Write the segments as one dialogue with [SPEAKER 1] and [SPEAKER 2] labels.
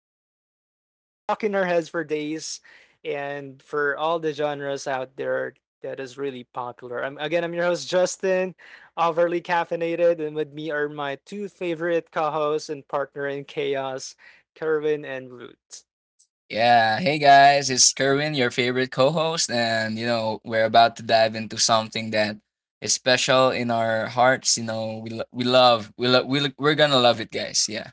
[SPEAKER 1] the songs that stay stuck in our heads for days, and for all the genres out there that is really popular. I'm your host Justin, overly caffeinated, and with me are my two favorite co-hosts and partner in chaos, Kerwin and Root.
[SPEAKER 2] Yeah, hey guys, it's Kerwin, your favorite co host, and you know, we're about to dive into something that is special in our hearts. You know, we, lo- we love, we lo- we're gonna love it, guys. Yeah.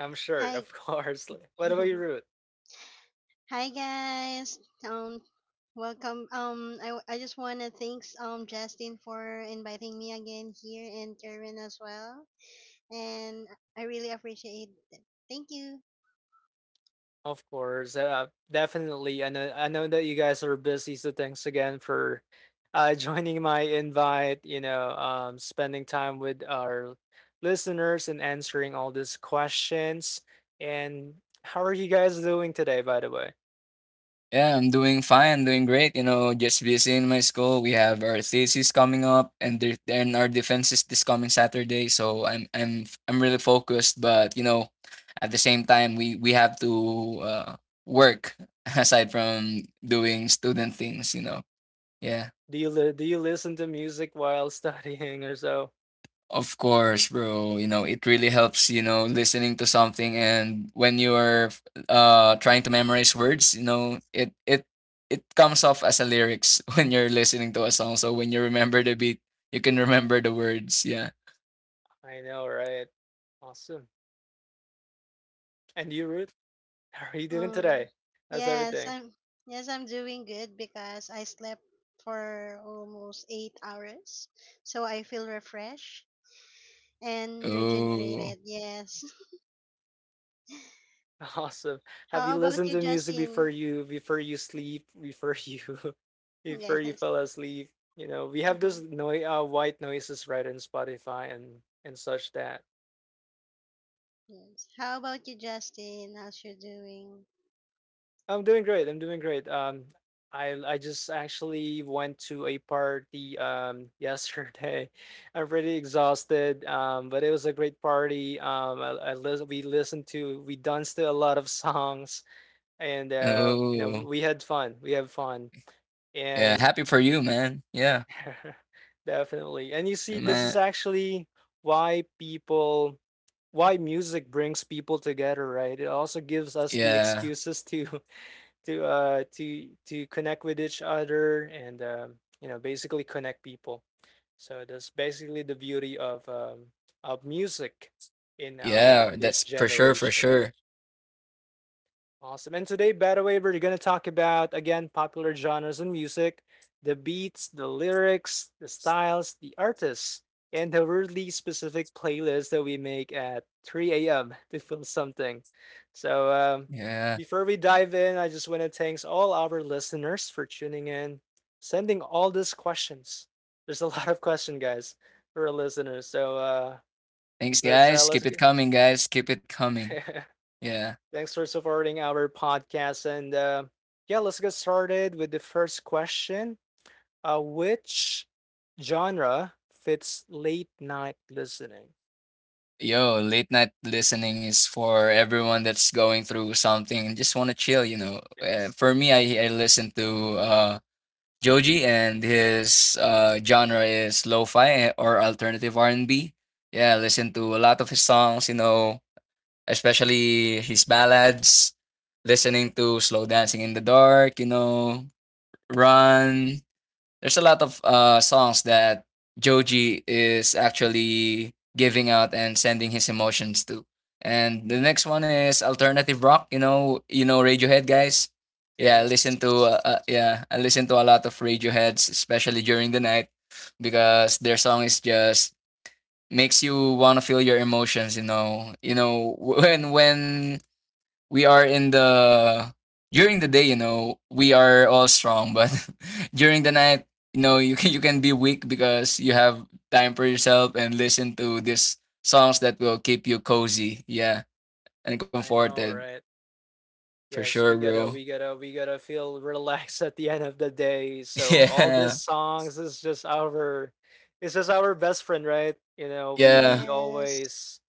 [SPEAKER 1] I'm sure,
[SPEAKER 3] Hi,
[SPEAKER 1] of course. Like, what about you, Ruth?
[SPEAKER 3] hi guys. Um, Welcome. I just wanna thanks Justin for inviting me again here and Karen as well, and I really appreciate it. Thank you.
[SPEAKER 1] Of course, definitely. I know that you guys are busy, so thanks again for joining my invite. Spending time with our listeners and answering all these questions. And how are you guys doing today, by the way?
[SPEAKER 2] Yeah, I'm doing great. You know, just busy in my school. We have our thesis coming up, and then our defenses this coming Saturday. So I'm really focused, but you know, at the same time, we have to uh, work aside from doing student things. You know, yeah.
[SPEAKER 1] Do you listen to music while studying or so?
[SPEAKER 2] Of course, bro. You know, it really helps, you know, listening to something and when you're trying to memorize words, you know, it comes off as a lyrics when you're listening to a song. So when you remember the beat, you can remember the words. Yeah.
[SPEAKER 1] I know, right? Awesome. And you, Ruth, how are you doing
[SPEAKER 3] Um,
[SPEAKER 1] today? How's
[SPEAKER 3] yes,
[SPEAKER 1] everything?
[SPEAKER 3] I'm yes, I'm doing good because I slept for almost 8 hours, so I feel refreshed and
[SPEAKER 2] Oh.
[SPEAKER 3] regenerated. Yes.
[SPEAKER 1] Awesome. Have
[SPEAKER 3] How
[SPEAKER 1] you
[SPEAKER 3] about
[SPEAKER 1] listened
[SPEAKER 3] you,
[SPEAKER 1] to music before
[SPEAKER 3] Justin?
[SPEAKER 1] you before you sleep, before you before you
[SPEAKER 3] Yes.
[SPEAKER 1] fell asleep? You know, we have this noise white noises right in Spotify and such that.
[SPEAKER 3] Yes. How about you, Justin? How's you doing?
[SPEAKER 1] I'm doing great. I'm doing great. I just actually went to a party yesterday. I'm pretty exhausted. Um, but it was a great party. We listened to we danced to a lot of songs and you know
[SPEAKER 2] Oh.
[SPEAKER 1] we had fun. We have fun.
[SPEAKER 2] Yeah.
[SPEAKER 1] And
[SPEAKER 2] Happy for you, man. Yeah.
[SPEAKER 1] definitely. And you see,
[SPEAKER 2] Hey,
[SPEAKER 1] this is
[SPEAKER 2] man.
[SPEAKER 1] actually why people, why music brings people together, right? It also gives us the
[SPEAKER 2] Yeah.
[SPEAKER 1] excuses to to connect with each other and you know, basically connect people. So that's basically the beauty of of music in our
[SPEAKER 2] Yeah.
[SPEAKER 1] today's
[SPEAKER 2] That's for sure, for
[SPEAKER 1] generation.
[SPEAKER 2] sure.
[SPEAKER 1] Awesome. And today, by the way, we're going to talk about, again, popular genres in music, the beats, the lyrics, the styles, the artists, and the really specific playlist that we make at 3 a.m. to film something. So,
[SPEAKER 2] Yeah.
[SPEAKER 1] before we dive in, I just want to thank all our listeners for tuning in, sending all these questions. There's a lot of question, guys, for our listeners. So,
[SPEAKER 2] Thanks
[SPEAKER 1] let's uh,
[SPEAKER 2] guys.
[SPEAKER 1] let's
[SPEAKER 2] Keep
[SPEAKER 1] go.
[SPEAKER 2] it coming, guys. Keep it coming. Yeah.
[SPEAKER 1] Thanks for supporting our podcast. And yeah, let's get started with the first question. Which genre fits late night listening?
[SPEAKER 2] Yo, late night listening is for everyone that's going through something and just want to chill, you know.
[SPEAKER 1] Yes.
[SPEAKER 2] For me, I listen to Joji, and his genre is lo-fi or alternative R&B. Yeah, I listen to a lot of his songs, you know, especially his ballads. Listening to Slow Dancing in the Dark, you know, Run, there's a lot of songs that Joji is actually giving out and sending his emotions to. And the next one is alternative rock. You know Radiohead, guys. Yeah, I
[SPEAKER 1] Yes.
[SPEAKER 2] listen to
[SPEAKER 1] Sorry.
[SPEAKER 2] I listen to a lot of Radioheads, especially during the night, because their song is just makes you want to feel your emotions. You know when we are in the during the day, you know, we are all strong, but during the night, you know, you can be weak because you have time for yourself and listen to these songs that will keep you cozy, yeah, and
[SPEAKER 1] I know,
[SPEAKER 2] comforted
[SPEAKER 1] right?
[SPEAKER 2] for
[SPEAKER 1] Yes,
[SPEAKER 2] sure,
[SPEAKER 1] we gotta
[SPEAKER 2] bro.
[SPEAKER 1] we gotta we gotta feel relaxed at the end of the day. So all these songs is just our it's just our best friend, right? You know, we
[SPEAKER 2] Yeah, yeah,
[SPEAKER 1] we
[SPEAKER 3] Yes.
[SPEAKER 1] always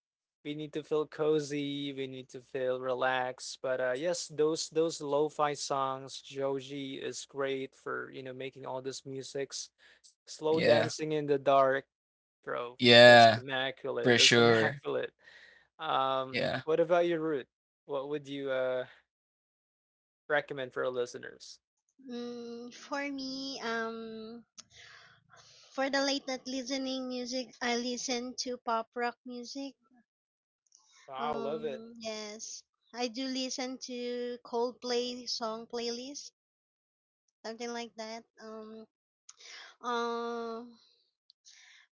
[SPEAKER 1] we need to feel cozy, we need to feel relaxed. But uh, yes, those lo-fi songs, Joji is great for, you know, making all this musics. Slow
[SPEAKER 2] yeah,
[SPEAKER 1] dancing in the dark, bro. That's
[SPEAKER 2] yeah,
[SPEAKER 1] immaculate.
[SPEAKER 2] for
[SPEAKER 1] That's
[SPEAKER 2] sure.
[SPEAKER 1] immaculate.
[SPEAKER 2] Yeah,
[SPEAKER 1] What about your root? What would you recommend for our listeners.
[SPEAKER 3] For me, for the late night listening music, I listen to pop rock music.
[SPEAKER 1] I love it.
[SPEAKER 3] Yes, I do listen to Coldplay song playlist, something like that. Um,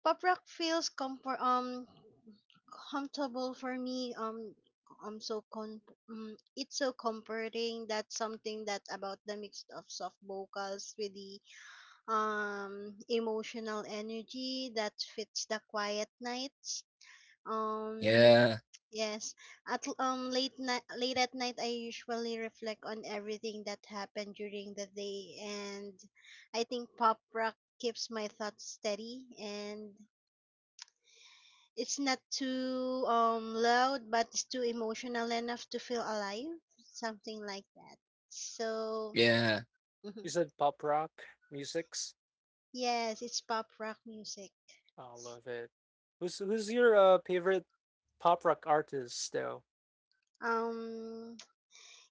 [SPEAKER 3] Pop rock feels comfortable for me. I'm so con. It's so comforting. That's something that about the mix of soft vocals with the emotional energy that fits the quiet nights. Um,
[SPEAKER 2] yeah,
[SPEAKER 3] yes. At l- late night Late at night, I usually reflect on everything that happened during the day, and I think pop rock keeps my thoughts steady and it's not too loud but it's too emotional enough to feel alive, something like that. So
[SPEAKER 2] yeah.
[SPEAKER 1] You
[SPEAKER 3] mhm.
[SPEAKER 1] said pop rock musics.
[SPEAKER 3] Yes, it's pop rock music.
[SPEAKER 1] I love it. Who's your favorite pop rock artist though?
[SPEAKER 3] um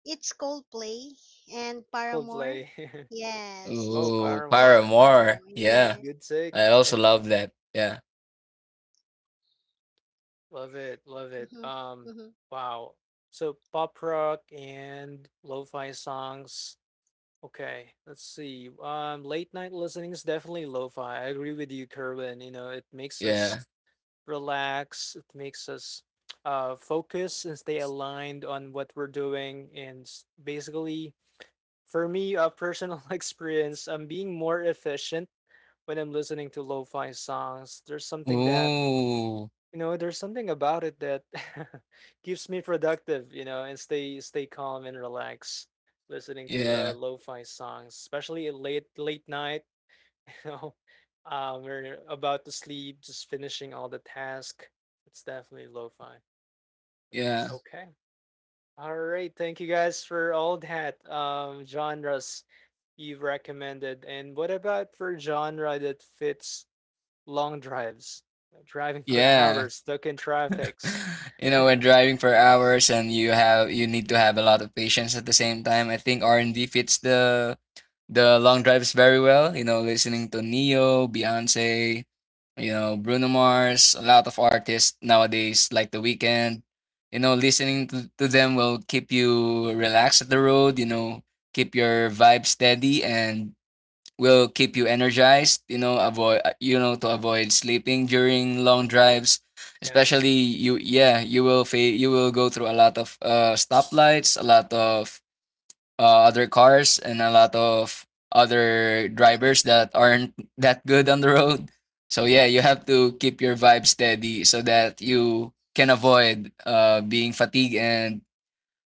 [SPEAKER 3] it's Coldplay and Paramore.
[SPEAKER 1] Coldplay.
[SPEAKER 3] Yes, it's
[SPEAKER 1] Oh,
[SPEAKER 2] Ooh,
[SPEAKER 3] Coldplay and
[SPEAKER 1] Paramore.
[SPEAKER 2] Paramore.
[SPEAKER 3] Paramore,
[SPEAKER 2] Yeah,
[SPEAKER 3] yeah.
[SPEAKER 1] Good
[SPEAKER 2] I
[SPEAKER 1] take.
[SPEAKER 2] also love that. Yeah,
[SPEAKER 1] Love it. Love it.
[SPEAKER 3] Hmm. Hmm.
[SPEAKER 1] Wow. So pop rock and lo-fi songs. Okay, let's see. Late night listening is definitely lo-fi. I agree with you, Kerwin. You know, it makes us
[SPEAKER 2] yeah.
[SPEAKER 1] relax. It makes us focus and stay aligned on what we're doing. Basically, for me, a personal experience, I'm being more efficient when I'm listening to lo-fi songs. There's something that
[SPEAKER 2] Ooh,
[SPEAKER 1] you know, there's something about it that keeps me productive. You know, and stay calm and relax listening to
[SPEAKER 2] yeah.
[SPEAKER 1] lo-fi songs, especially at late night you know um, we're about to sleep just finishing all the task, it's definitely lo-fi. Right.
[SPEAKER 2] Yeah.
[SPEAKER 1] Okay, all right, thank you guys for all that genres you've recommended. And what about for genre that fits long drives? Driving for
[SPEAKER 2] Yeah.
[SPEAKER 1] hours stuck in traffics.
[SPEAKER 2] You know, we're driving for hours and you need to have a lot of patience at the same time. I think R and D fits the long drives very well. You know, listening to Neo, Beyonce, you know, Bruno Mars, a lot of artists nowadays like The Weeknd. You know, listening to them will keep you relaxed at the road, you know, keep your vibe steady, and will keep you energized, you know, to avoid sleeping during long drives,
[SPEAKER 1] Yes,
[SPEAKER 2] especially you, yeah, you will go through a lot of stoplights, a lot of other cars and a lot of other drivers that aren't that good on the road. So yeah, you have to keep your vibe steady so that you can avoid being fatigued and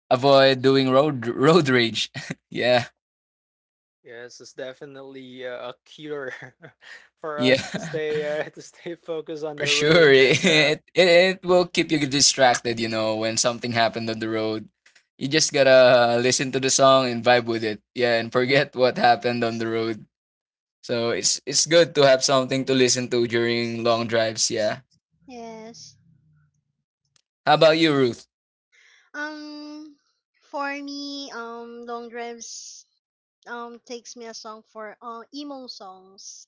[SPEAKER 2] avoid doing road rage. Yeah,
[SPEAKER 1] yes, it's definitely a cure for
[SPEAKER 2] yeah.
[SPEAKER 1] us to stay to stay focused on
[SPEAKER 2] For
[SPEAKER 1] the
[SPEAKER 2] sure,
[SPEAKER 1] road
[SPEAKER 2] it,
[SPEAKER 1] and uh,
[SPEAKER 2] it it will keep you distracted. You know, when something happened on the road, you just gotta listen to the song and vibe with it. Yeah, and forget what happened on the road. So it's good to have something to listen to during long drives. Yeah.
[SPEAKER 3] Yes.
[SPEAKER 2] How about you, Ruth?
[SPEAKER 3] um for me, long drives takes me a song for emo songs.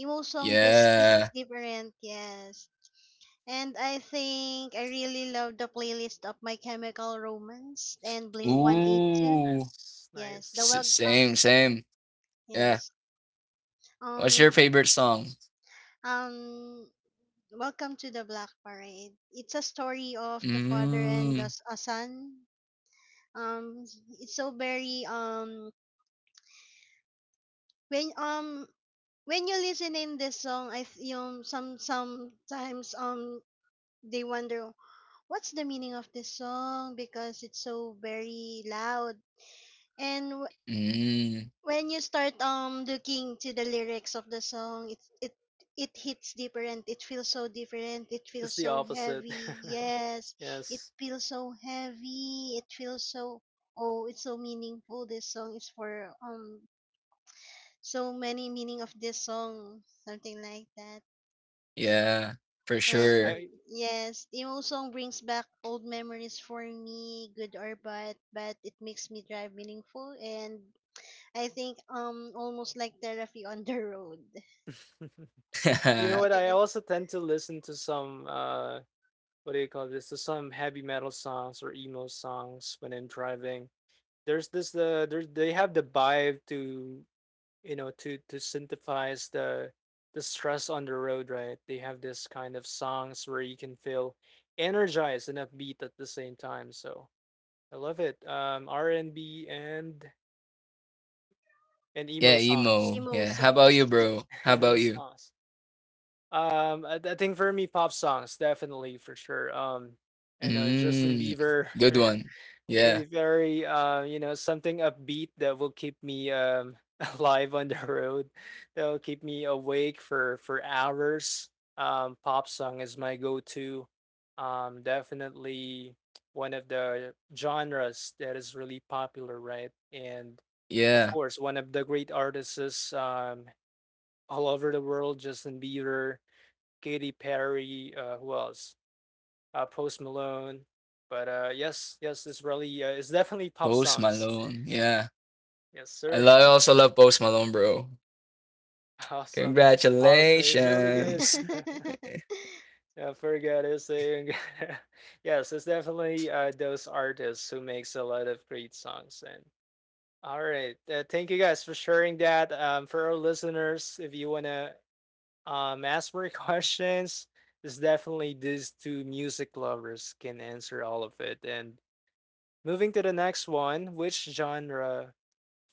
[SPEAKER 3] Emo song just hits
[SPEAKER 2] Yeah.
[SPEAKER 3] different, yes. And I think I really love the playlist of My Chemical Romance and Blink
[SPEAKER 1] ooh,
[SPEAKER 3] 182.
[SPEAKER 2] Ooh.
[SPEAKER 1] nice,
[SPEAKER 3] Yes, the
[SPEAKER 1] nice.
[SPEAKER 3] well
[SPEAKER 2] S- same, same. Yeah.
[SPEAKER 3] yes.
[SPEAKER 2] What's your
[SPEAKER 3] Um
[SPEAKER 2] favorite song?
[SPEAKER 3] um Welcome to the Black Parade. It's a story of the father and
[SPEAKER 2] Mm.
[SPEAKER 3] a son. Um it's so very when um when you listen in this song you know, sometimes they wonder what's the meaning of this song because it's so very loud and w-
[SPEAKER 2] Mm.
[SPEAKER 3] when you start looking to the lyrics of the song, it it hits different, it feels so different, it feels
[SPEAKER 1] It's the
[SPEAKER 3] so
[SPEAKER 1] opposite.
[SPEAKER 3] heavy, yes. It
[SPEAKER 1] Yes.
[SPEAKER 3] feels so heavy, it feels so, oh, it's so meaningful. This song is for so many meaning of this song, something like that.
[SPEAKER 2] Yeah. For sure.
[SPEAKER 3] And
[SPEAKER 1] I
[SPEAKER 3] yes, emo song brings back old memories for me, good or bad, but it makes me drive meaningful and I think almost like therapy on the road.
[SPEAKER 1] you know
[SPEAKER 3] Yeah.
[SPEAKER 1] what? I also tend to listen to some uh, what do you call this? To some heavy metal songs or emo songs when I'm driving. There's this there's they have the vibe to, you know, to synthesize the stress on the road, right? They have this kind of songs where you can feel energized and upbeat at the same time. So I love it. Um, R and B and emo
[SPEAKER 2] Yeah,
[SPEAKER 1] songs.
[SPEAKER 2] emo.
[SPEAKER 3] Emo
[SPEAKER 2] Yeah. How about you,
[SPEAKER 3] songs.
[SPEAKER 2] bro? How
[SPEAKER 1] Emo
[SPEAKER 2] about you?
[SPEAKER 1] songs. I think for me, pop songs definitely for sure. I know Justin
[SPEAKER 2] Mm,
[SPEAKER 1] Bieber,
[SPEAKER 2] good one. Yeah.
[SPEAKER 1] Katy Perry. You know, something upbeat that will keep me um, alive on the road, that will keep me awake for hours. Pop song is my go-to. Definitely one of the genres that is really popular, right? And of
[SPEAKER 2] Yeah.
[SPEAKER 1] course, one of the great artists um, all over the world, Justin Bieber, Katy Perry, who else? Post Malone. But yes, yes, it's really, it's definitely pop
[SPEAKER 2] Post
[SPEAKER 1] songs.
[SPEAKER 2] Malone. Yeah.
[SPEAKER 1] Yes, sir.
[SPEAKER 2] I also love Post Malone, bro.
[SPEAKER 1] Awesome. Awesome. It's really good.
[SPEAKER 2] Congratulations.
[SPEAKER 1] I forgot to say. Yes, it's definitely those artists who makes a lot of great songs. And all right, thank you guys for sharing that. For our listeners, if you wanna ask more questions, it's definitely these two music lovers can answer all of it. And moving to the next one, which genre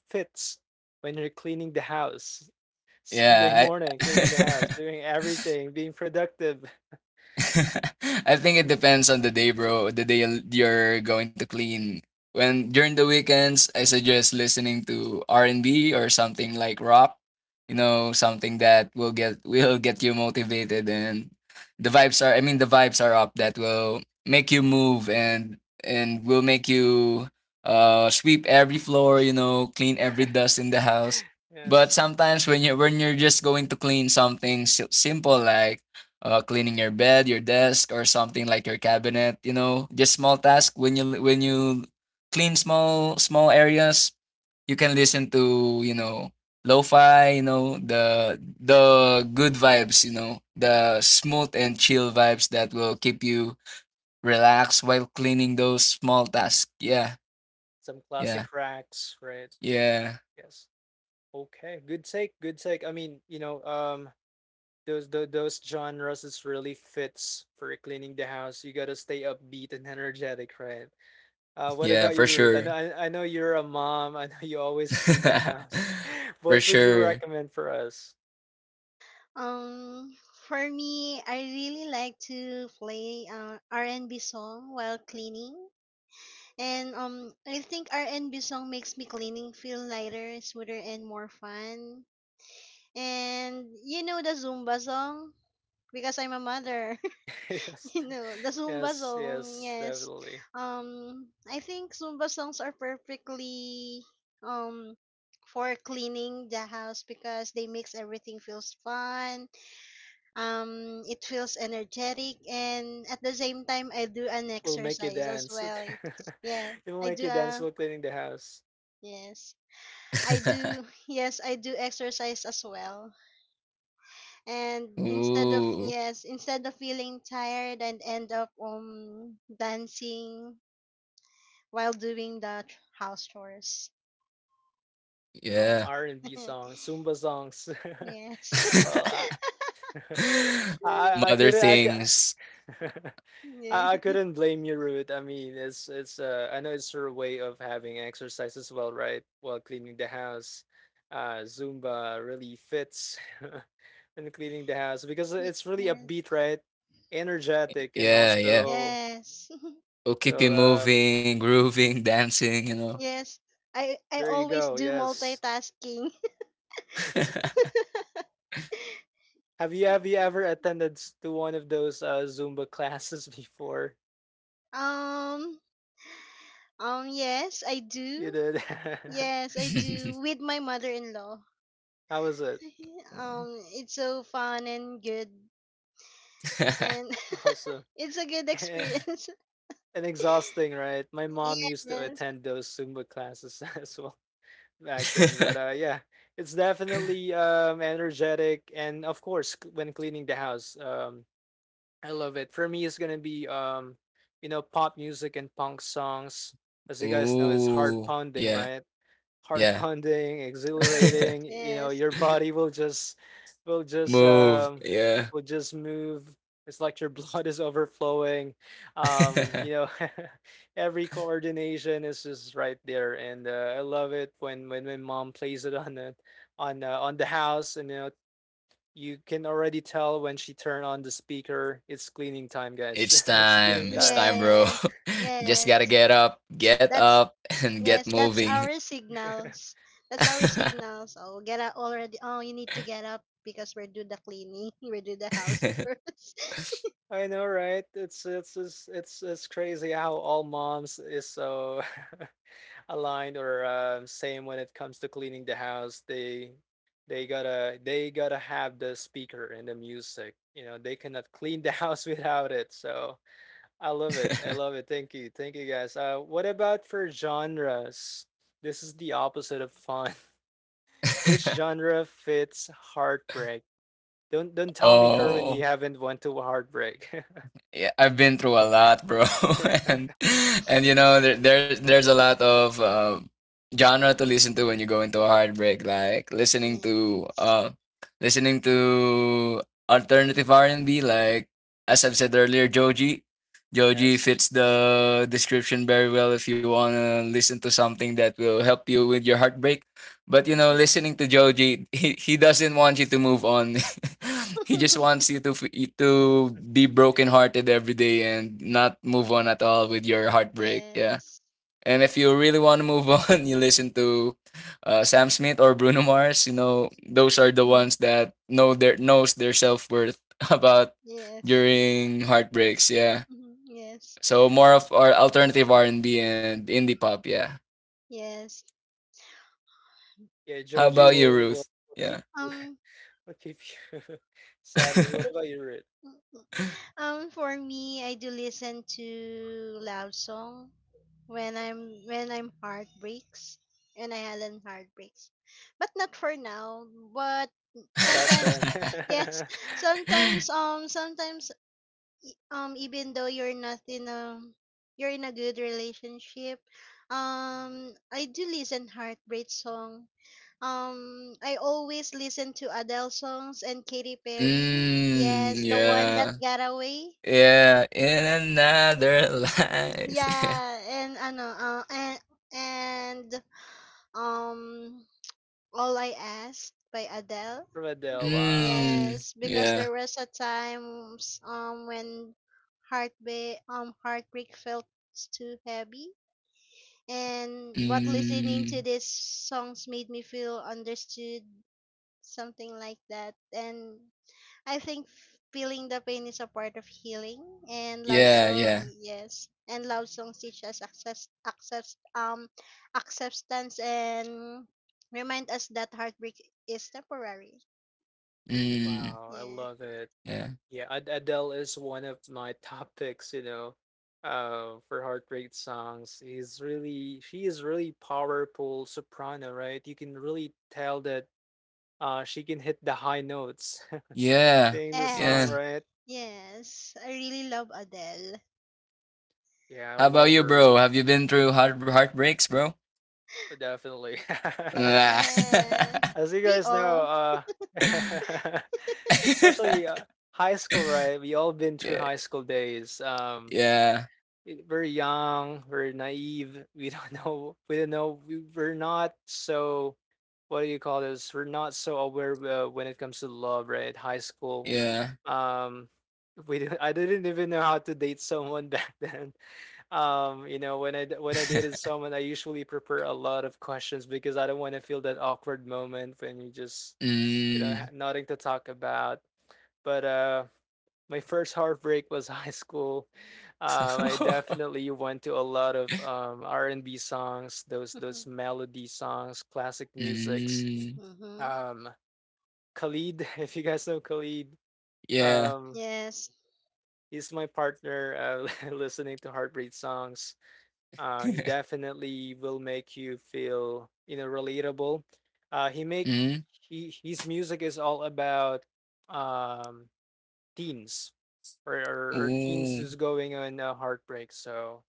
[SPEAKER 1] fits when you're cleaning the house? Sunday
[SPEAKER 2] Yeah.
[SPEAKER 1] morning, cleaning the house,
[SPEAKER 2] I
[SPEAKER 1] doing everything, being productive.
[SPEAKER 2] I think it depends on the day, bro. The day you're going to clean. When during the weekends, I suggest listening to R and B or something like rock. You know, something that will get will get you motivated, and the vibes are up that will make you move and will make you sweep every floor. You know, clean
[SPEAKER 1] Yes.
[SPEAKER 2] every dust in the house. But
[SPEAKER 1] Yes.
[SPEAKER 2] sometimes when you're just going to clean something simple like cleaning your bed, your desk, or something like your cabinet. You know, just small task. When you clean small areas, you can listen to, you know, lo-fi. You know, the good vibes. You know the smooth and chill vibes that will keep you relaxed while cleaning those small tasks. Yeah,
[SPEAKER 1] Some
[SPEAKER 2] yeah,
[SPEAKER 1] classic racks, right?
[SPEAKER 2] yeah,
[SPEAKER 1] Yes. Okay. Good take. Good take. I mean, you know, those genres is really fits for cleaning the house. You gotta stay upbeat and energetic, right? What
[SPEAKER 2] yeah,
[SPEAKER 1] about
[SPEAKER 2] for
[SPEAKER 1] you, Ruth? I know,
[SPEAKER 2] sure,
[SPEAKER 1] I, I know you're a mom. I know you always clean the house.
[SPEAKER 2] for
[SPEAKER 1] What would you
[SPEAKER 2] sure.
[SPEAKER 1] recommend for us?
[SPEAKER 3] um for me, I really like to play R&B song while cleaning. And I think R&B song makes me cleaning feel lighter, smoother and more fun. And you know the Zumba song because I'm a mother.
[SPEAKER 1] Yes,
[SPEAKER 3] You know the Zumba
[SPEAKER 1] yes,
[SPEAKER 3] song.
[SPEAKER 1] yes,
[SPEAKER 3] Yes.
[SPEAKER 1] definitely.
[SPEAKER 3] I think Zumba songs are perfectly um for cleaning the house because they makes everything feels fun. It feels energetic and at the same time I do an
[SPEAKER 1] We'll make you
[SPEAKER 3] exercise as
[SPEAKER 1] dance.
[SPEAKER 3] well. Yeah,
[SPEAKER 1] It'll
[SPEAKER 3] I
[SPEAKER 1] make
[SPEAKER 3] do.
[SPEAKER 1] you dance while cleaning the house.
[SPEAKER 3] Yes, I do. Yes, I do exercise as well, and instead of
[SPEAKER 2] Ooh,
[SPEAKER 3] yes instead of feeling tired and end up dancing while doing the house chores.
[SPEAKER 1] Oh,
[SPEAKER 3] Yes.
[SPEAKER 2] yeah.
[SPEAKER 1] R&B songs, Zumba songs.
[SPEAKER 3] Yes.
[SPEAKER 1] Well, I, I
[SPEAKER 2] Mother
[SPEAKER 1] couldn't, I could.
[SPEAKER 2] things.
[SPEAKER 1] I,
[SPEAKER 3] Yeah.
[SPEAKER 1] I couldn't blame you, Ruth. I mean, it's I know it's her way of having exercise as well, right? While cleaning the house, Zumba really fits when cleaning the house because it's really upbeat,
[SPEAKER 3] Yes.
[SPEAKER 1] right? Energetic and
[SPEAKER 2] Yeah, yeah.
[SPEAKER 1] also
[SPEAKER 3] Yes.
[SPEAKER 2] Will keep you
[SPEAKER 1] well,
[SPEAKER 3] Bec-
[SPEAKER 2] moving, grooving, dancing, you know.
[SPEAKER 3] yes, I
[SPEAKER 1] there you
[SPEAKER 3] always
[SPEAKER 1] go.
[SPEAKER 3] do
[SPEAKER 1] Yes.
[SPEAKER 3] multitasking.
[SPEAKER 1] Have you ever attended to one of those Zumba classes before?
[SPEAKER 3] um yes, I
[SPEAKER 1] You
[SPEAKER 3] do.
[SPEAKER 1] did.
[SPEAKER 3] Yes, I do, with my mother-in-law.
[SPEAKER 1] How was it?
[SPEAKER 3] um it's so fun and good and
[SPEAKER 1] Awesome.
[SPEAKER 3] it's a good experience.
[SPEAKER 1] And exhausting, right? My mom
[SPEAKER 3] Yes.
[SPEAKER 1] used to
[SPEAKER 3] Yes.
[SPEAKER 1] attend those Zumba classes as well back then. But yeah, it's definitely energetic, and of course, when cleaning the house, I love it. For me, it's gonna be you know, pop music and punk songs. As you guys know, it's heart
[SPEAKER 2] Ooh.
[SPEAKER 1] pounding,
[SPEAKER 2] Yeah,
[SPEAKER 1] right? Heart
[SPEAKER 2] yeah.
[SPEAKER 1] pounding, exhilarating. You know,
[SPEAKER 3] Yes.
[SPEAKER 1] your body will just will just
[SPEAKER 2] Move.
[SPEAKER 1] um
[SPEAKER 2] Yeah.
[SPEAKER 1] will just move. It's like your blood is overflowing. You know, every coordination is just right there, and I love it when my mom plays it on the on the house, and you know. You can already tell when she turned on the speaker. It's cleaning time, guys.
[SPEAKER 2] It's
[SPEAKER 1] It's cleaning
[SPEAKER 2] time. It's
[SPEAKER 1] time.
[SPEAKER 2] time, bro.
[SPEAKER 3] Yes.
[SPEAKER 2] Just
[SPEAKER 3] Yes,
[SPEAKER 2] gotta get
[SPEAKER 3] that's,
[SPEAKER 2] up, and get
[SPEAKER 3] yes, that's
[SPEAKER 2] moving.
[SPEAKER 3] our signals. That's our signals. Oh, get up already. Oh, you need to get up because we're do the cleaning. We do the house first.
[SPEAKER 1] I know, right? It's it's crazy how all moms is so aligned or same when it comes to cleaning the house. They they gotta have the speaker and the music. You know, they cannot clean the house without it. So I love it. I love it. Thank you. Thank you guys. What about for genres? This is the opposite of fun. Which genre fits heartbreak? Don't tell me, Kerwin, you
[SPEAKER 2] Oh.
[SPEAKER 1] haven't went to a heartbreak.
[SPEAKER 2] Yeah, I've been through a lot, bro, and and you know there's a lot of genre to listen to when you go into a heartbreak, like
[SPEAKER 3] Yeah.
[SPEAKER 2] listening to alternative R and B, like as I've said earlier, Joji. Joji
[SPEAKER 1] Yes.
[SPEAKER 2] fits the description very well if you wanna listen to something that will help you with your heartbreak. But you know, listening to Joji, he doesn't want you to move on. He just wants you to be brokenhearted every day and not move on at all with your heartbreak. Yeah.
[SPEAKER 3] Yes.
[SPEAKER 2] And if you really want to move on, you listen to Sam Smith or Bruno Mars. You know, those are the
[SPEAKER 3] Mhm.
[SPEAKER 2] ones that knows their self worth about
[SPEAKER 3] Yes.
[SPEAKER 2] during heartbreaks. Yeah.
[SPEAKER 3] Mhm. Yes.
[SPEAKER 2] So more of our alternative R and B and indie pop. Yeah.
[SPEAKER 3] Yes.
[SPEAKER 1] Yeah,
[SPEAKER 2] How
[SPEAKER 1] Joji
[SPEAKER 2] about you,
[SPEAKER 1] will will
[SPEAKER 2] Ruth?
[SPEAKER 1] will keep
[SPEAKER 2] Yeah.
[SPEAKER 1] you
[SPEAKER 3] um
[SPEAKER 1] will keep you. Sadly, what about you, Ruth?
[SPEAKER 3] For me, I do listen to loud song when I'm heartbreaks, when I had heartbreaks, but not for now. But
[SPEAKER 1] Back
[SPEAKER 3] sometimes,
[SPEAKER 1] then,
[SPEAKER 3] yes, sometimes even though you're not in a, you're in a good relationship, I do listen heartbreak song. I always listen to Adele songs and Katy Perry. Yes,
[SPEAKER 2] Mm,
[SPEAKER 3] the one that
[SPEAKER 2] yeah.
[SPEAKER 3] got away.
[SPEAKER 2] Yeah, in another life.
[SPEAKER 3] Yeah, and ano, and um, all I asked by Adele.
[SPEAKER 1] from Adele.
[SPEAKER 3] Yeah,
[SPEAKER 1] Wow,
[SPEAKER 3] yes, because
[SPEAKER 2] Yeah.
[SPEAKER 3] there was a time when heartbreak felt too heavy,
[SPEAKER 2] Mm.
[SPEAKER 3] and but listening
[SPEAKER 2] Yeah.
[SPEAKER 3] to
[SPEAKER 2] Mm.
[SPEAKER 3] these songs made me feel understood, something like that, and I think feeling the pain is a part of healing, and love
[SPEAKER 2] Yeah,
[SPEAKER 3] song,
[SPEAKER 2] yeah.
[SPEAKER 3] yes, and love songs teach us accept acceptance, and remind us that heartbreak is temporary.
[SPEAKER 2] Mm.
[SPEAKER 1] wow, I
[SPEAKER 3] Yeah.
[SPEAKER 1] love it.
[SPEAKER 2] Yeah.
[SPEAKER 1] Yeah, Adele is one of my top picks. You know, for heart rate songs. He's really, she is really powerful soprano, right? You can really tell that she can hit the high notes,
[SPEAKER 2] Yeah.
[SPEAKER 1] singing the song,
[SPEAKER 3] Yes.
[SPEAKER 2] Yeah.
[SPEAKER 1] right?
[SPEAKER 3] Yes. I really love Adele.
[SPEAKER 1] Yeah, I
[SPEAKER 2] How about
[SPEAKER 1] love
[SPEAKER 2] you,
[SPEAKER 1] her.
[SPEAKER 2] bro?
[SPEAKER 1] Y-
[SPEAKER 2] Have you been through heartbreaks, bro?
[SPEAKER 1] Definitely.
[SPEAKER 2] Ah.
[SPEAKER 3] Yeah.
[SPEAKER 1] As you
[SPEAKER 3] We
[SPEAKER 1] guys know,
[SPEAKER 3] all.
[SPEAKER 1] especially high school, right? We all been through
[SPEAKER 2] Yeah.
[SPEAKER 1] high school days.
[SPEAKER 2] Yeah.
[SPEAKER 1] Very young, very naive. We don't know. We don't know. We, we're not so. What do you call this? We're not so aware when it comes to love, right? High school.
[SPEAKER 2] Yeah.
[SPEAKER 1] Um, we didn't, I didn't even know how to date someone back then. When when I date someone, I usually prepare a lot of questions because I don't want to feel that awkward moment when you just
[SPEAKER 2] Mm.
[SPEAKER 1] nothing to talk about. But my first heartbreak was high school. I definitely went to a lot of R and B songs, those melody songs, classic musics.
[SPEAKER 2] Mm.
[SPEAKER 3] Mm-hmm.
[SPEAKER 1] Um, Khalid, if you guys know Khalid,
[SPEAKER 2] Yeah.
[SPEAKER 1] um,
[SPEAKER 3] Yes.
[SPEAKER 1] he's my partner listening to heartbreak songs. He definitely will make you feel, you know, relatable. Uh, he make
[SPEAKER 2] Mm.
[SPEAKER 1] he his music is all about um teens or teens
[SPEAKER 2] Ooh.
[SPEAKER 1] who's going on a heartbreak. So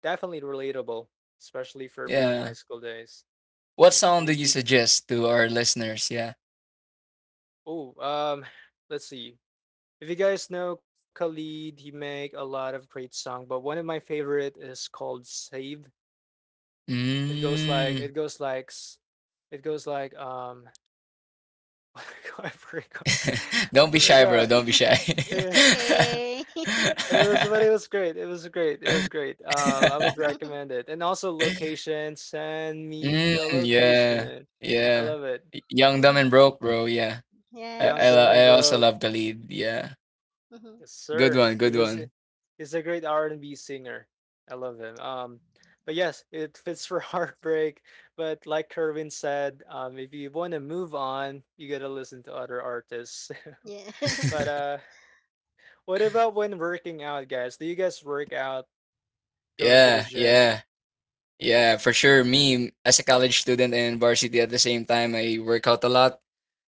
[SPEAKER 1] definitely relatable, especially for me on
[SPEAKER 2] Yeah.
[SPEAKER 1] high school days.
[SPEAKER 2] What
[SPEAKER 1] Yeah,
[SPEAKER 2] song do you
[SPEAKER 1] Khalid.
[SPEAKER 2] suggest to our listeners? Yeah.
[SPEAKER 1] Oh, let's see. If you guys know Khalid, he make a lot of great song, but one of my favorite is called "Save."
[SPEAKER 2] Mm.
[SPEAKER 1] It goes like s- it goes like I forgot. I
[SPEAKER 2] Don't be shy, bro.
[SPEAKER 1] forgot.
[SPEAKER 2] Don't be shy.
[SPEAKER 3] It's
[SPEAKER 1] See,
[SPEAKER 3] okay.
[SPEAKER 1] but it was but it was great. It was great. It was great. I would recommend it. And also location. Send me
[SPEAKER 2] Mm,
[SPEAKER 1] your location.
[SPEAKER 2] yeah.
[SPEAKER 1] And I
[SPEAKER 2] Yeah.
[SPEAKER 1] love it.
[SPEAKER 2] Young, dumb,
[SPEAKER 3] Mhm.
[SPEAKER 2] and broke, bro. Yeah.
[SPEAKER 1] Young
[SPEAKER 3] Yes.
[SPEAKER 1] Dumb and
[SPEAKER 2] I also
[SPEAKER 1] Broke.
[SPEAKER 2] love the lead. Yeah.
[SPEAKER 3] Mhm.
[SPEAKER 1] Yes,
[SPEAKER 2] Good
[SPEAKER 1] sir.
[SPEAKER 2] one.
[SPEAKER 1] He
[SPEAKER 2] Good
[SPEAKER 1] was a,
[SPEAKER 2] one.
[SPEAKER 1] he's a great R and B singer. I love him. But yes, it fits for heartbreak. But like Kerwin said, if you want to move on, you gotta listen to other artists. but
[SPEAKER 3] Yes.
[SPEAKER 1] uh what about when working out, guys? Do you guys work out, going to the
[SPEAKER 2] Yeah.
[SPEAKER 1] gym
[SPEAKER 2] Yeah. Yeah. For sure. Me, as a college student and varsity at the same time, I work out a lot.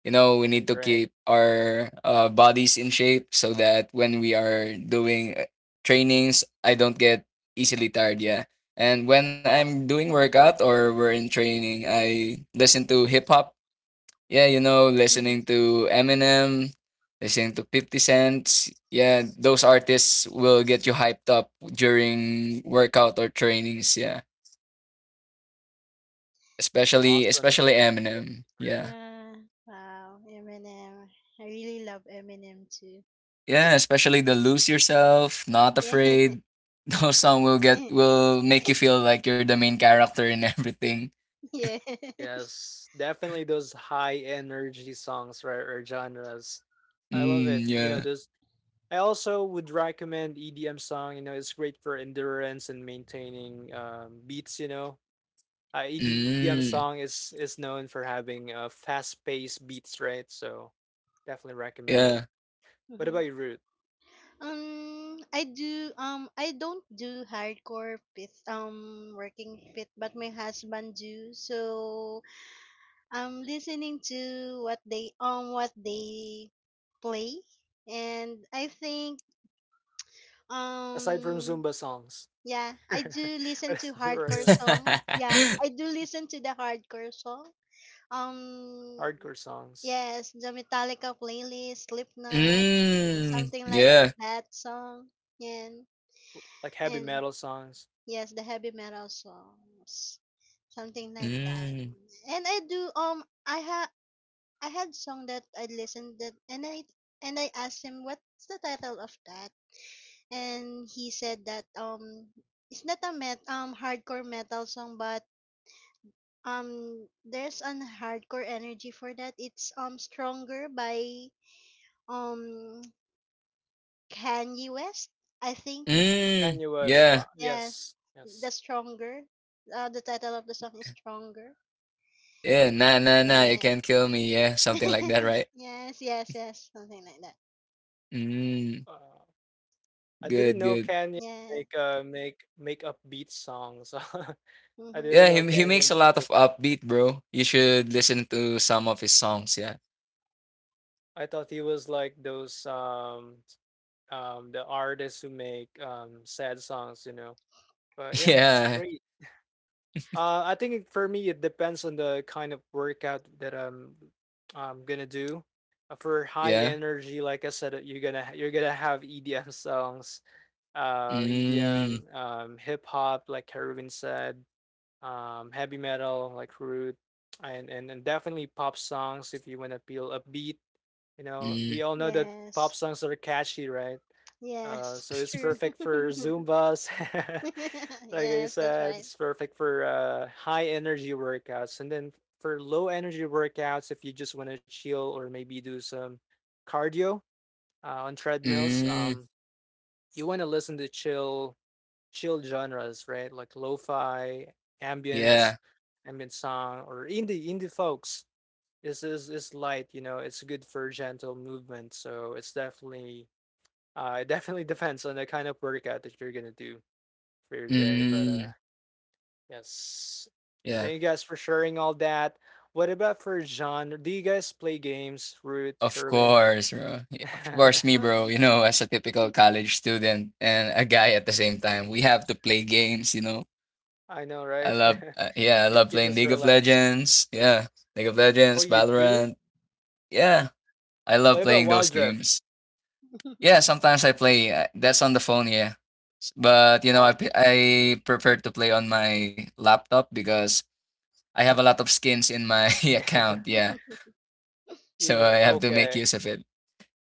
[SPEAKER 2] You know, we need
[SPEAKER 1] and
[SPEAKER 2] to
[SPEAKER 1] train?
[SPEAKER 2] keep our bodies in shape so that when we are doing trainings, I don't get easily tired. Yeah. And when I'm
[SPEAKER 1] Awesome.
[SPEAKER 2] doing workout or we're in training, I listen to hip hop. Yeah, you know, listening to Eminem, listening to 50 cents. Yeah, those
[SPEAKER 1] Wow.
[SPEAKER 2] artists will get you hyped up during workout or trainings. Yeah,
[SPEAKER 1] Awesome. Yeah.
[SPEAKER 2] especially Eminem.
[SPEAKER 1] Right.
[SPEAKER 2] Yeah,
[SPEAKER 3] Yeah. Wow. Eminem. I really love Eminem too.
[SPEAKER 2] yeah, especially the Lose Yourself, Not
[SPEAKER 3] Yeah.
[SPEAKER 2] Afraid. Your song will get will make you feel like you're the main character and everything.
[SPEAKER 3] Yeah.
[SPEAKER 1] Yes. Definitely those high energy songs, right? Or genres. I love it.
[SPEAKER 2] Mm,
[SPEAKER 1] You know,
[SPEAKER 2] yeah.
[SPEAKER 1] those I also would recommend EDM song, you know, it's great for endurance and maintaining beats, you know. EDM
[SPEAKER 2] Mm,
[SPEAKER 1] song is known for having fast-paced beats, right? So definitely recommend it.
[SPEAKER 2] yeah.
[SPEAKER 1] What about
[SPEAKER 3] Mhm.
[SPEAKER 1] you, Root?
[SPEAKER 3] I do. I don't do hardcore pit. Working pit, but my husband do. So I'm listening to what they play, and I think
[SPEAKER 1] Aside from
[SPEAKER 3] um
[SPEAKER 1] Zumba songs.
[SPEAKER 3] yeah, I do listen to hardcore
[SPEAKER 1] Right,
[SPEAKER 3] song. Yeah, I do listen to the hardcore song. Um,
[SPEAKER 1] hardcore songs,
[SPEAKER 3] yes, the Metallica playlist, Slipknot,
[SPEAKER 2] Mm,
[SPEAKER 3] something like
[SPEAKER 2] yeah.
[SPEAKER 3] that song. And
[SPEAKER 1] like heavy
[SPEAKER 3] and
[SPEAKER 1] metal songs.
[SPEAKER 3] yes, the heavy metal songs, something like that.
[SPEAKER 2] Mm,
[SPEAKER 3] And I do I had song that I listened that, and I asked him what's the title of that, and he said that it's not a met hardcore metal song but there's an hardcore energy for that. It's stronger by um Kanye West, I think.
[SPEAKER 2] mm,
[SPEAKER 1] Kanye
[SPEAKER 2] yeah.
[SPEAKER 1] West, wow,
[SPEAKER 3] Yes,
[SPEAKER 1] yes,
[SPEAKER 3] the
[SPEAKER 1] yes.
[SPEAKER 3] stronger. The title of the song is stronger.
[SPEAKER 2] Yeah. Nah, nah, nah. You
[SPEAKER 3] Yeah.
[SPEAKER 2] can't kill me. Yeah, something like that, right?
[SPEAKER 3] Yes, yes, yes, something like that.
[SPEAKER 2] Mm,
[SPEAKER 1] Uh, I didn't
[SPEAKER 2] good,
[SPEAKER 1] know
[SPEAKER 2] good.
[SPEAKER 1] Kanye
[SPEAKER 3] Yeah.
[SPEAKER 1] make upbeat songs. I didn't
[SPEAKER 3] Mhm.
[SPEAKER 2] Yeah,
[SPEAKER 1] know
[SPEAKER 2] he makes
[SPEAKER 1] Kanye
[SPEAKER 2] a
[SPEAKER 1] made
[SPEAKER 2] lot of
[SPEAKER 1] those songs.
[SPEAKER 2] upbeat, bro. You should listen to some of his songs. Yeah.
[SPEAKER 1] I thought he was like those the artists who make sad songs, you know. But yeah, it's
[SPEAKER 2] Yeah.
[SPEAKER 1] great. I think for me, it depends on the kind of workout that I'm gonna do. For high
[SPEAKER 2] Yeah.
[SPEAKER 1] energy, like I said, you're gonna have EDM songs,
[SPEAKER 2] Mm,
[SPEAKER 1] EDM, hip hop, like Kerwin said, heavy metal, like Root, and definitely pop songs if you wanna feel upbeat. You know,
[SPEAKER 2] mm,
[SPEAKER 1] we all know that pop
[SPEAKER 3] Yes.
[SPEAKER 1] songs are catchy, right?
[SPEAKER 3] Yes.
[SPEAKER 1] So it's
[SPEAKER 3] True.
[SPEAKER 1] perfect for Zumbas. Like I
[SPEAKER 3] Yes, that's
[SPEAKER 1] said,
[SPEAKER 3] right.
[SPEAKER 1] it's perfect for high energy workouts. And then for low energy workouts, if you just want to chill or maybe do some cardio on treadmills,
[SPEAKER 2] mm,
[SPEAKER 1] you want to listen to chill genres, right? Like lo-fi,
[SPEAKER 2] yeah.
[SPEAKER 1] ambient, ambient song, or indie folks. This is light, you know. It's good for gentle movement, so it's definitely it definitely depends on the kind of workout that you're gonna do for your day. But
[SPEAKER 2] Mm,
[SPEAKER 1] yes,
[SPEAKER 2] yeah.
[SPEAKER 1] thank you guys for sharing all that. What about for genre? Do you guys play games, Root,
[SPEAKER 2] Of
[SPEAKER 1] Kirvin?
[SPEAKER 2] course, bro. Of course, me, bro.
[SPEAKER 3] Um.
[SPEAKER 2] You know, as a typical college student and a guy at the same time, we have to play games. You know,
[SPEAKER 1] I know,
[SPEAKER 2] I
[SPEAKER 1] right?
[SPEAKER 2] love, I
[SPEAKER 3] Oh
[SPEAKER 2] love
[SPEAKER 1] It
[SPEAKER 2] playing
[SPEAKER 1] keeps
[SPEAKER 2] League
[SPEAKER 1] us
[SPEAKER 2] of
[SPEAKER 1] relaxed.
[SPEAKER 2] Legends. Yeah, League of
[SPEAKER 1] Oh,
[SPEAKER 2] Legends,
[SPEAKER 1] you do?
[SPEAKER 2] Valorant. Yeah, I
[SPEAKER 1] What
[SPEAKER 2] love
[SPEAKER 1] about
[SPEAKER 2] playing
[SPEAKER 1] Wild
[SPEAKER 2] those
[SPEAKER 1] Drift?
[SPEAKER 2] games. Yeah, sometimes I play. That's on the phone. Yeah, but you know,
[SPEAKER 1] Awesome.
[SPEAKER 2] I prefer to play on my laptop because I have a lot of skins in my account. Yeah,
[SPEAKER 1] You
[SPEAKER 2] so I
[SPEAKER 1] know,
[SPEAKER 2] have to make
[SPEAKER 1] okay.
[SPEAKER 2] use of it.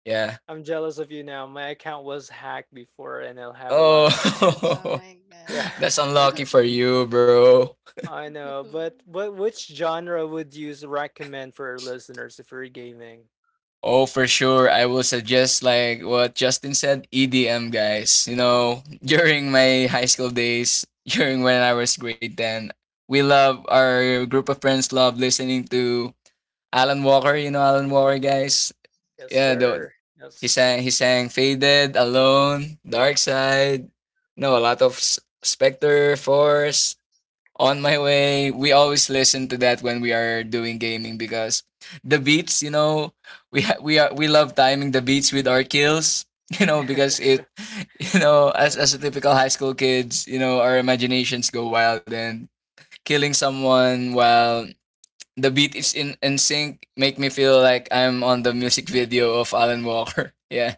[SPEAKER 2] Yeah.
[SPEAKER 1] I'm jealous of you now. My account was hacked before, and I'll have a lot of skins.
[SPEAKER 2] Oh,
[SPEAKER 3] my
[SPEAKER 1] Yeah.
[SPEAKER 3] god.
[SPEAKER 2] that's unlucky for you, bro.
[SPEAKER 1] I know, but which genre would recommend for our listeners if we're gaming?
[SPEAKER 2] Oh, for sure. I will suggest, like what Justin said, EDM, guys. You know, during my high school days, during when I was grade 10, we love, our group of friends love listening to Alan Walker. You know, Alan Walker, guys.
[SPEAKER 1] Yes,
[SPEAKER 2] Yeah, the,
[SPEAKER 1] sir.
[SPEAKER 2] He
[SPEAKER 1] Yes.
[SPEAKER 2] sang, Faded, Alone, Dark Side, you know, a lot of Spectre, Force, On My Way. We always listen to that when we are doing gaming because the beats, you know, we ha- we are we love timing the beats with our kills, you know, because it you know,
[SPEAKER 1] Yes.
[SPEAKER 2] as a typical high school kids, you know, our imaginations go wild and killing someone while the beat is in sync make me feel like I'm on the music video of Alan Walker. Yeah.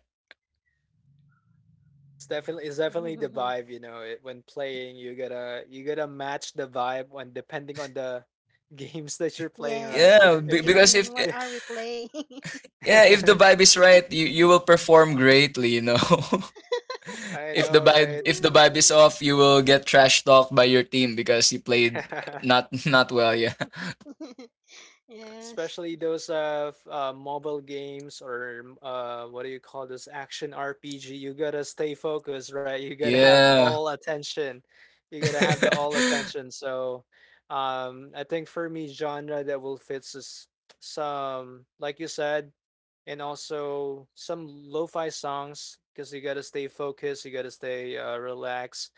[SPEAKER 1] It's definitely the vibe, you know. It, when playing, you gotta match the vibe when depending on the games that you're playing, right?
[SPEAKER 3] Yes.
[SPEAKER 1] If,
[SPEAKER 2] Yeah,
[SPEAKER 1] you-
[SPEAKER 2] be-
[SPEAKER 3] And
[SPEAKER 1] if you're,
[SPEAKER 2] because if
[SPEAKER 3] depending what are we playing?
[SPEAKER 2] Yeah, if the vibe is right, you will perform greatly, you know.
[SPEAKER 1] I know, right?
[SPEAKER 2] If the vibe is off, you will get trash talked by your team because you played not not well. Yeah.
[SPEAKER 3] Yes.
[SPEAKER 1] Especially those mobile games or what do you call those action RPG, you gotta stay focused, right? You gotta have
[SPEAKER 2] Yeah.
[SPEAKER 1] all attention. You gotta have the all attention. So I think for me genre that will fits is some like you said and also some lo-fi songs because you gotta stay focused, you gotta stay relaxed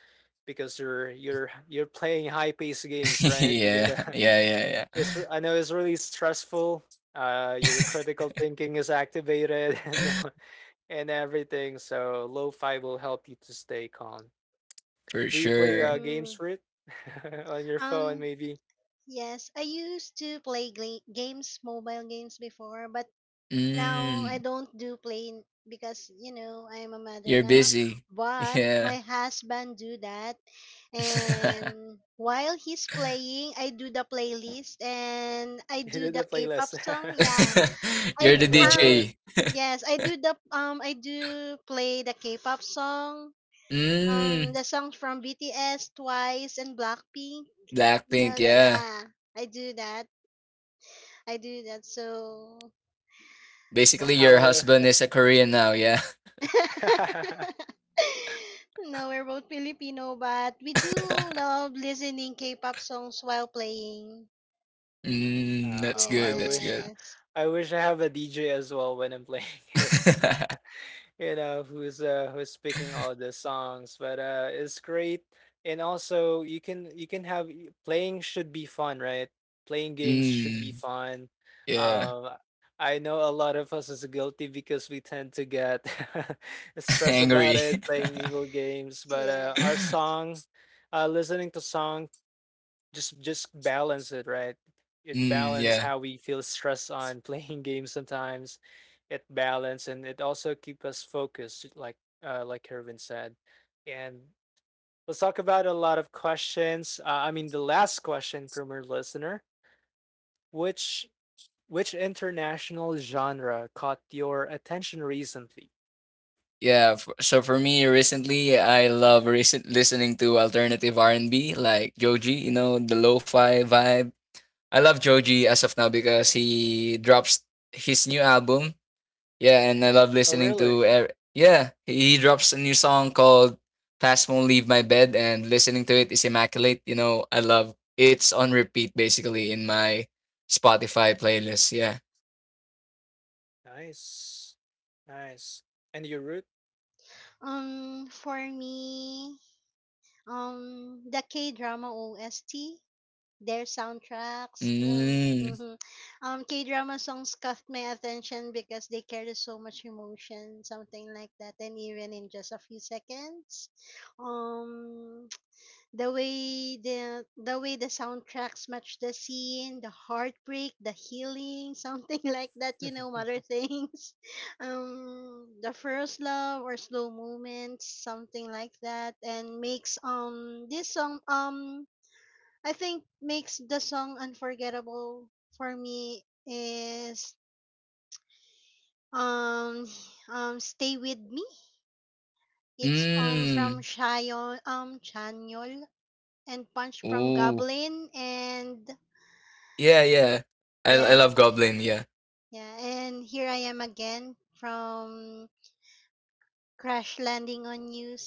[SPEAKER 1] because you're playing high paced games, right? You
[SPEAKER 2] Yeah,
[SPEAKER 1] gotta
[SPEAKER 2] yeah, yeah, yeah.
[SPEAKER 1] it's I know it's really stressful. Your critical thinking is activated and everything. So lo-fi will help you to stay calm.
[SPEAKER 2] For
[SPEAKER 1] Do you play
[SPEAKER 2] sure.
[SPEAKER 1] games
[SPEAKER 3] Mhm.
[SPEAKER 1] for it on your phone?
[SPEAKER 3] Um,
[SPEAKER 1] Maybe
[SPEAKER 3] yes, I used to play games, mobile games before, but now I
[SPEAKER 2] Mm,
[SPEAKER 3] don't do because, you know, I am a mother
[SPEAKER 2] you're
[SPEAKER 3] now.
[SPEAKER 2] busy.
[SPEAKER 3] But
[SPEAKER 2] Yeah.
[SPEAKER 3] my husband do that, and while he's playing, I do the playlist and I
[SPEAKER 1] you
[SPEAKER 3] do
[SPEAKER 1] did
[SPEAKER 3] the
[SPEAKER 1] the
[SPEAKER 3] K-pop
[SPEAKER 1] playlist.
[SPEAKER 3] song. Yeah, I
[SPEAKER 2] You're
[SPEAKER 1] I
[SPEAKER 2] the
[SPEAKER 1] love
[SPEAKER 3] um
[SPEAKER 1] it.
[SPEAKER 2] DJ.
[SPEAKER 3] yes, I do the, I do play the K-pop song. Um,
[SPEAKER 2] Mm,
[SPEAKER 3] the songs from BTS, Twice and Blackpink. You
[SPEAKER 2] Blackpink,
[SPEAKER 3] know that,
[SPEAKER 2] yeah.
[SPEAKER 3] yeah. I do that. I do that. So
[SPEAKER 1] Well,
[SPEAKER 2] Basically,
[SPEAKER 1] how
[SPEAKER 2] your
[SPEAKER 1] I
[SPEAKER 2] husband is a Korean now, yeah.
[SPEAKER 3] no, we're both Filipino, but we do love listening K-pop songs while playing.
[SPEAKER 2] Mm, that's
[SPEAKER 1] oh, I
[SPEAKER 2] good, that's
[SPEAKER 1] wish
[SPEAKER 2] good.
[SPEAKER 3] Yes.
[SPEAKER 1] I wish I have a DJ as well when I'm playing games. You know who's who's speaking all the songs but it's great and also you can have playing should be fun right playing games should be
[SPEAKER 2] Mm,
[SPEAKER 1] fun
[SPEAKER 2] yeah.
[SPEAKER 1] um I know a lot of us is guilty because we tend to get stressed about
[SPEAKER 2] Angry.
[SPEAKER 1] it playing evil games but
[SPEAKER 3] Yes.
[SPEAKER 1] our song listening to song just balance it, right? It
[SPEAKER 2] Mm,
[SPEAKER 1] balance
[SPEAKER 2] yeah.
[SPEAKER 1] how we feel stress on playing games sometimes. It balance and it also keep us focused, like Hervin said. And let's talk about a lot of questions. I mean, the last question from our listener, which which international genre caught your attention recently?
[SPEAKER 2] Yeah, f so for me recently, I love recent listening to alternative R&B like Joji, you know, the lo-fi vibe. I love Joji as of now because he drops his new album. Yeah, and I love
[SPEAKER 1] Oh,
[SPEAKER 2] listening
[SPEAKER 1] really?
[SPEAKER 2] to. Ev- Yeah, he drops a new song called "Past Won't Leave My Bed," and listening to it is immaculate. You know, I love it's on repeat basically in my Spotify playlist. Yeah.
[SPEAKER 1] Nice, nice. And you root?
[SPEAKER 3] For me, the K-drama OST, their soundtracks.
[SPEAKER 2] Mm.
[SPEAKER 3] Mhm. K-drama songs caught my attention because they carry so much emotion, something like that, and even in just a few seconds. Um, the way the soundtracks match the scene, the heartbreak, the healing, something like that, you know, mother things. The first love or slow moments, something like that, and makes this song I think makes the song unforgettable for me is um Stay With Me. It's from
[SPEAKER 2] Mm.
[SPEAKER 3] Shayon Chanyol and Punch from
[SPEAKER 2] Ooh.
[SPEAKER 3] Goblin and
[SPEAKER 2] Yeah, yeah. I
[SPEAKER 3] yeah,
[SPEAKER 2] love Goblin. Yeah.
[SPEAKER 3] yeah, and Here I Am Again from Crash Landing on You.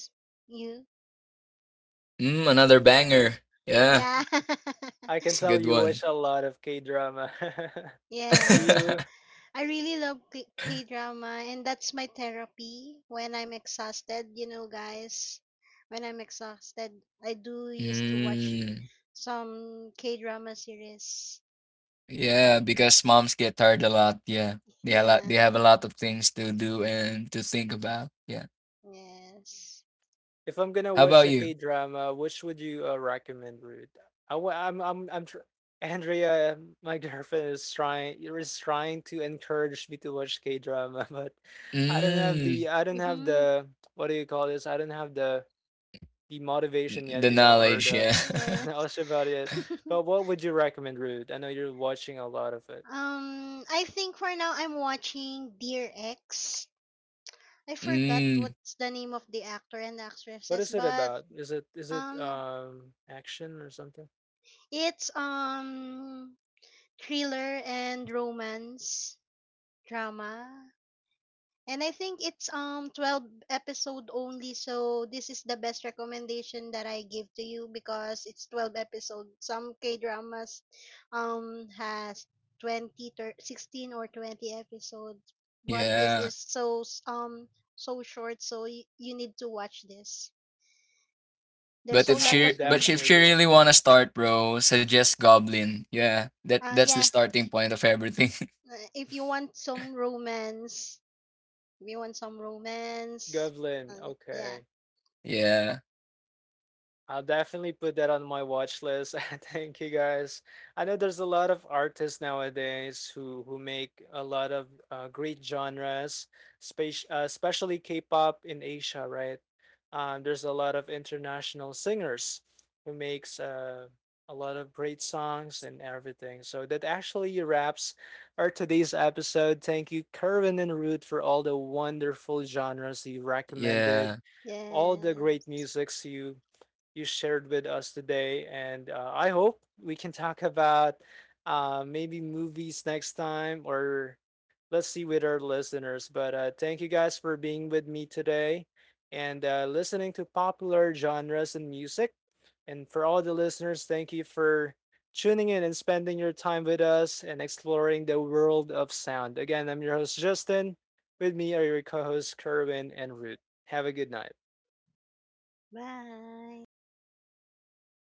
[SPEAKER 3] You.
[SPEAKER 2] Mm. Another banger. Yeah,
[SPEAKER 3] Yeah.
[SPEAKER 1] I
[SPEAKER 2] it's
[SPEAKER 1] can
[SPEAKER 2] a
[SPEAKER 1] tell
[SPEAKER 2] good
[SPEAKER 1] you
[SPEAKER 2] one.
[SPEAKER 1] watch a lot of K drama. Do
[SPEAKER 3] Yes.
[SPEAKER 1] you
[SPEAKER 3] I really love K drama, and that's my therapy when I'm exhausted. You know, guys, when I'm exhausted, I do used to watch
[SPEAKER 2] Mm.
[SPEAKER 3] some K drama series.
[SPEAKER 2] Yeah, because moms get tired a lot. Yeah. They
[SPEAKER 3] Yeah,
[SPEAKER 2] have a lot of things to do and to think about. Yeah.
[SPEAKER 3] yes,
[SPEAKER 1] if I'm gonna
[SPEAKER 2] How
[SPEAKER 1] watch
[SPEAKER 2] about
[SPEAKER 1] a K
[SPEAKER 2] you?
[SPEAKER 1] drama, which would you recommend, Ruth? I, wa- I'm I'm I'm tr- Andrea, my girlfriend is trying to encourage me to watch K drama, but
[SPEAKER 2] Mm,
[SPEAKER 1] I don't have
[SPEAKER 3] mm-hmm.
[SPEAKER 1] the what do you call this? I don't have the motivation yet,
[SPEAKER 2] the
[SPEAKER 1] you know, or
[SPEAKER 2] knowledge,
[SPEAKER 1] the
[SPEAKER 2] yeah.
[SPEAKER 3] Yes.
[SPEAKER 1] knowledge about it. But what would you recommend, Ruth? I know you're watching a lot of it.
[SPEAKER 3] I think for now I'm watching Dear X. I forgot
[SPEAKER 2] Mm,
[SPEAKER 3] what's the name of the actor and
[SPEAKER 1] What
[SPEAKER 3] actresses,
[SPEAKER 1] is it
[SPEAKER 3] but
[SPEAKER 1] about? Is it is it
[SPEAKER 3] um,
[SPEAKER 1] um action or something?
[SPEAKER 3] it's thriller and romance drama. And I think it's 12 episode only, so this is the best recommendation that I give to you because it's 12 episode. Some K-dramas has 20 16 or 20 episodes, but this
[SPEAKER 2] yeah.
[SPEAKER 3] is so short, so you need to watch this.
[SPEAKER 2] But
[SPEAKER 3] There's a
[SPEAKER 1] I
[SPEAKER 3] lot
[SPEAKER 1] will
[SPEAKER 3] of
[SPEAKER 2] if
[SPEAKER 1] definitely
[SPEAKER 2] she
[SPEAKER 1] do.
[SPEAKER 2] really wanna start, bro, suggest Goblin. Yeah. That that's the
[SPEAKER 3] yeah,
[SPEAKER 2] starting point of everything.
[SPEAKER 3] if you want some romance, if you want some romance, uh,
[SPEAKER 1] Goblin,
[SPEAKER 3] yeah.
[SPEAKER 1] okay.
[SPEAKER 2] Yeah.
[SPEAKER 1] I'll definitely put that on my watch list. Thank you guys. I know there's a lot of artists nowadays who make a lot of great genres, space, especially K-pop in Asia, right? There's a lot of international singers who makes a lot of great songs and everything. So that actually wraps our today's episode. Thank you, Kerwin and Root, for all the wonderful genres you recommended,
[SPEAKER 2] Yeah.
[SPEAKER 1] all the great
[SPEAKER 3] Yes.
[SPEAKER 1] musics you shared with us today. And I hope we can talk about maybe movies next time or let's see with our listeners. But thank you guys for being with me today and listening to popular genres and music. And for all the listeners, thank you for tuning in and spending your time with us and exploring the world of sound. Again, I'm your host, Justin. With me are your co hosts, Kerwin and Root. Have a good night.
[SPEAKER 3] Bye.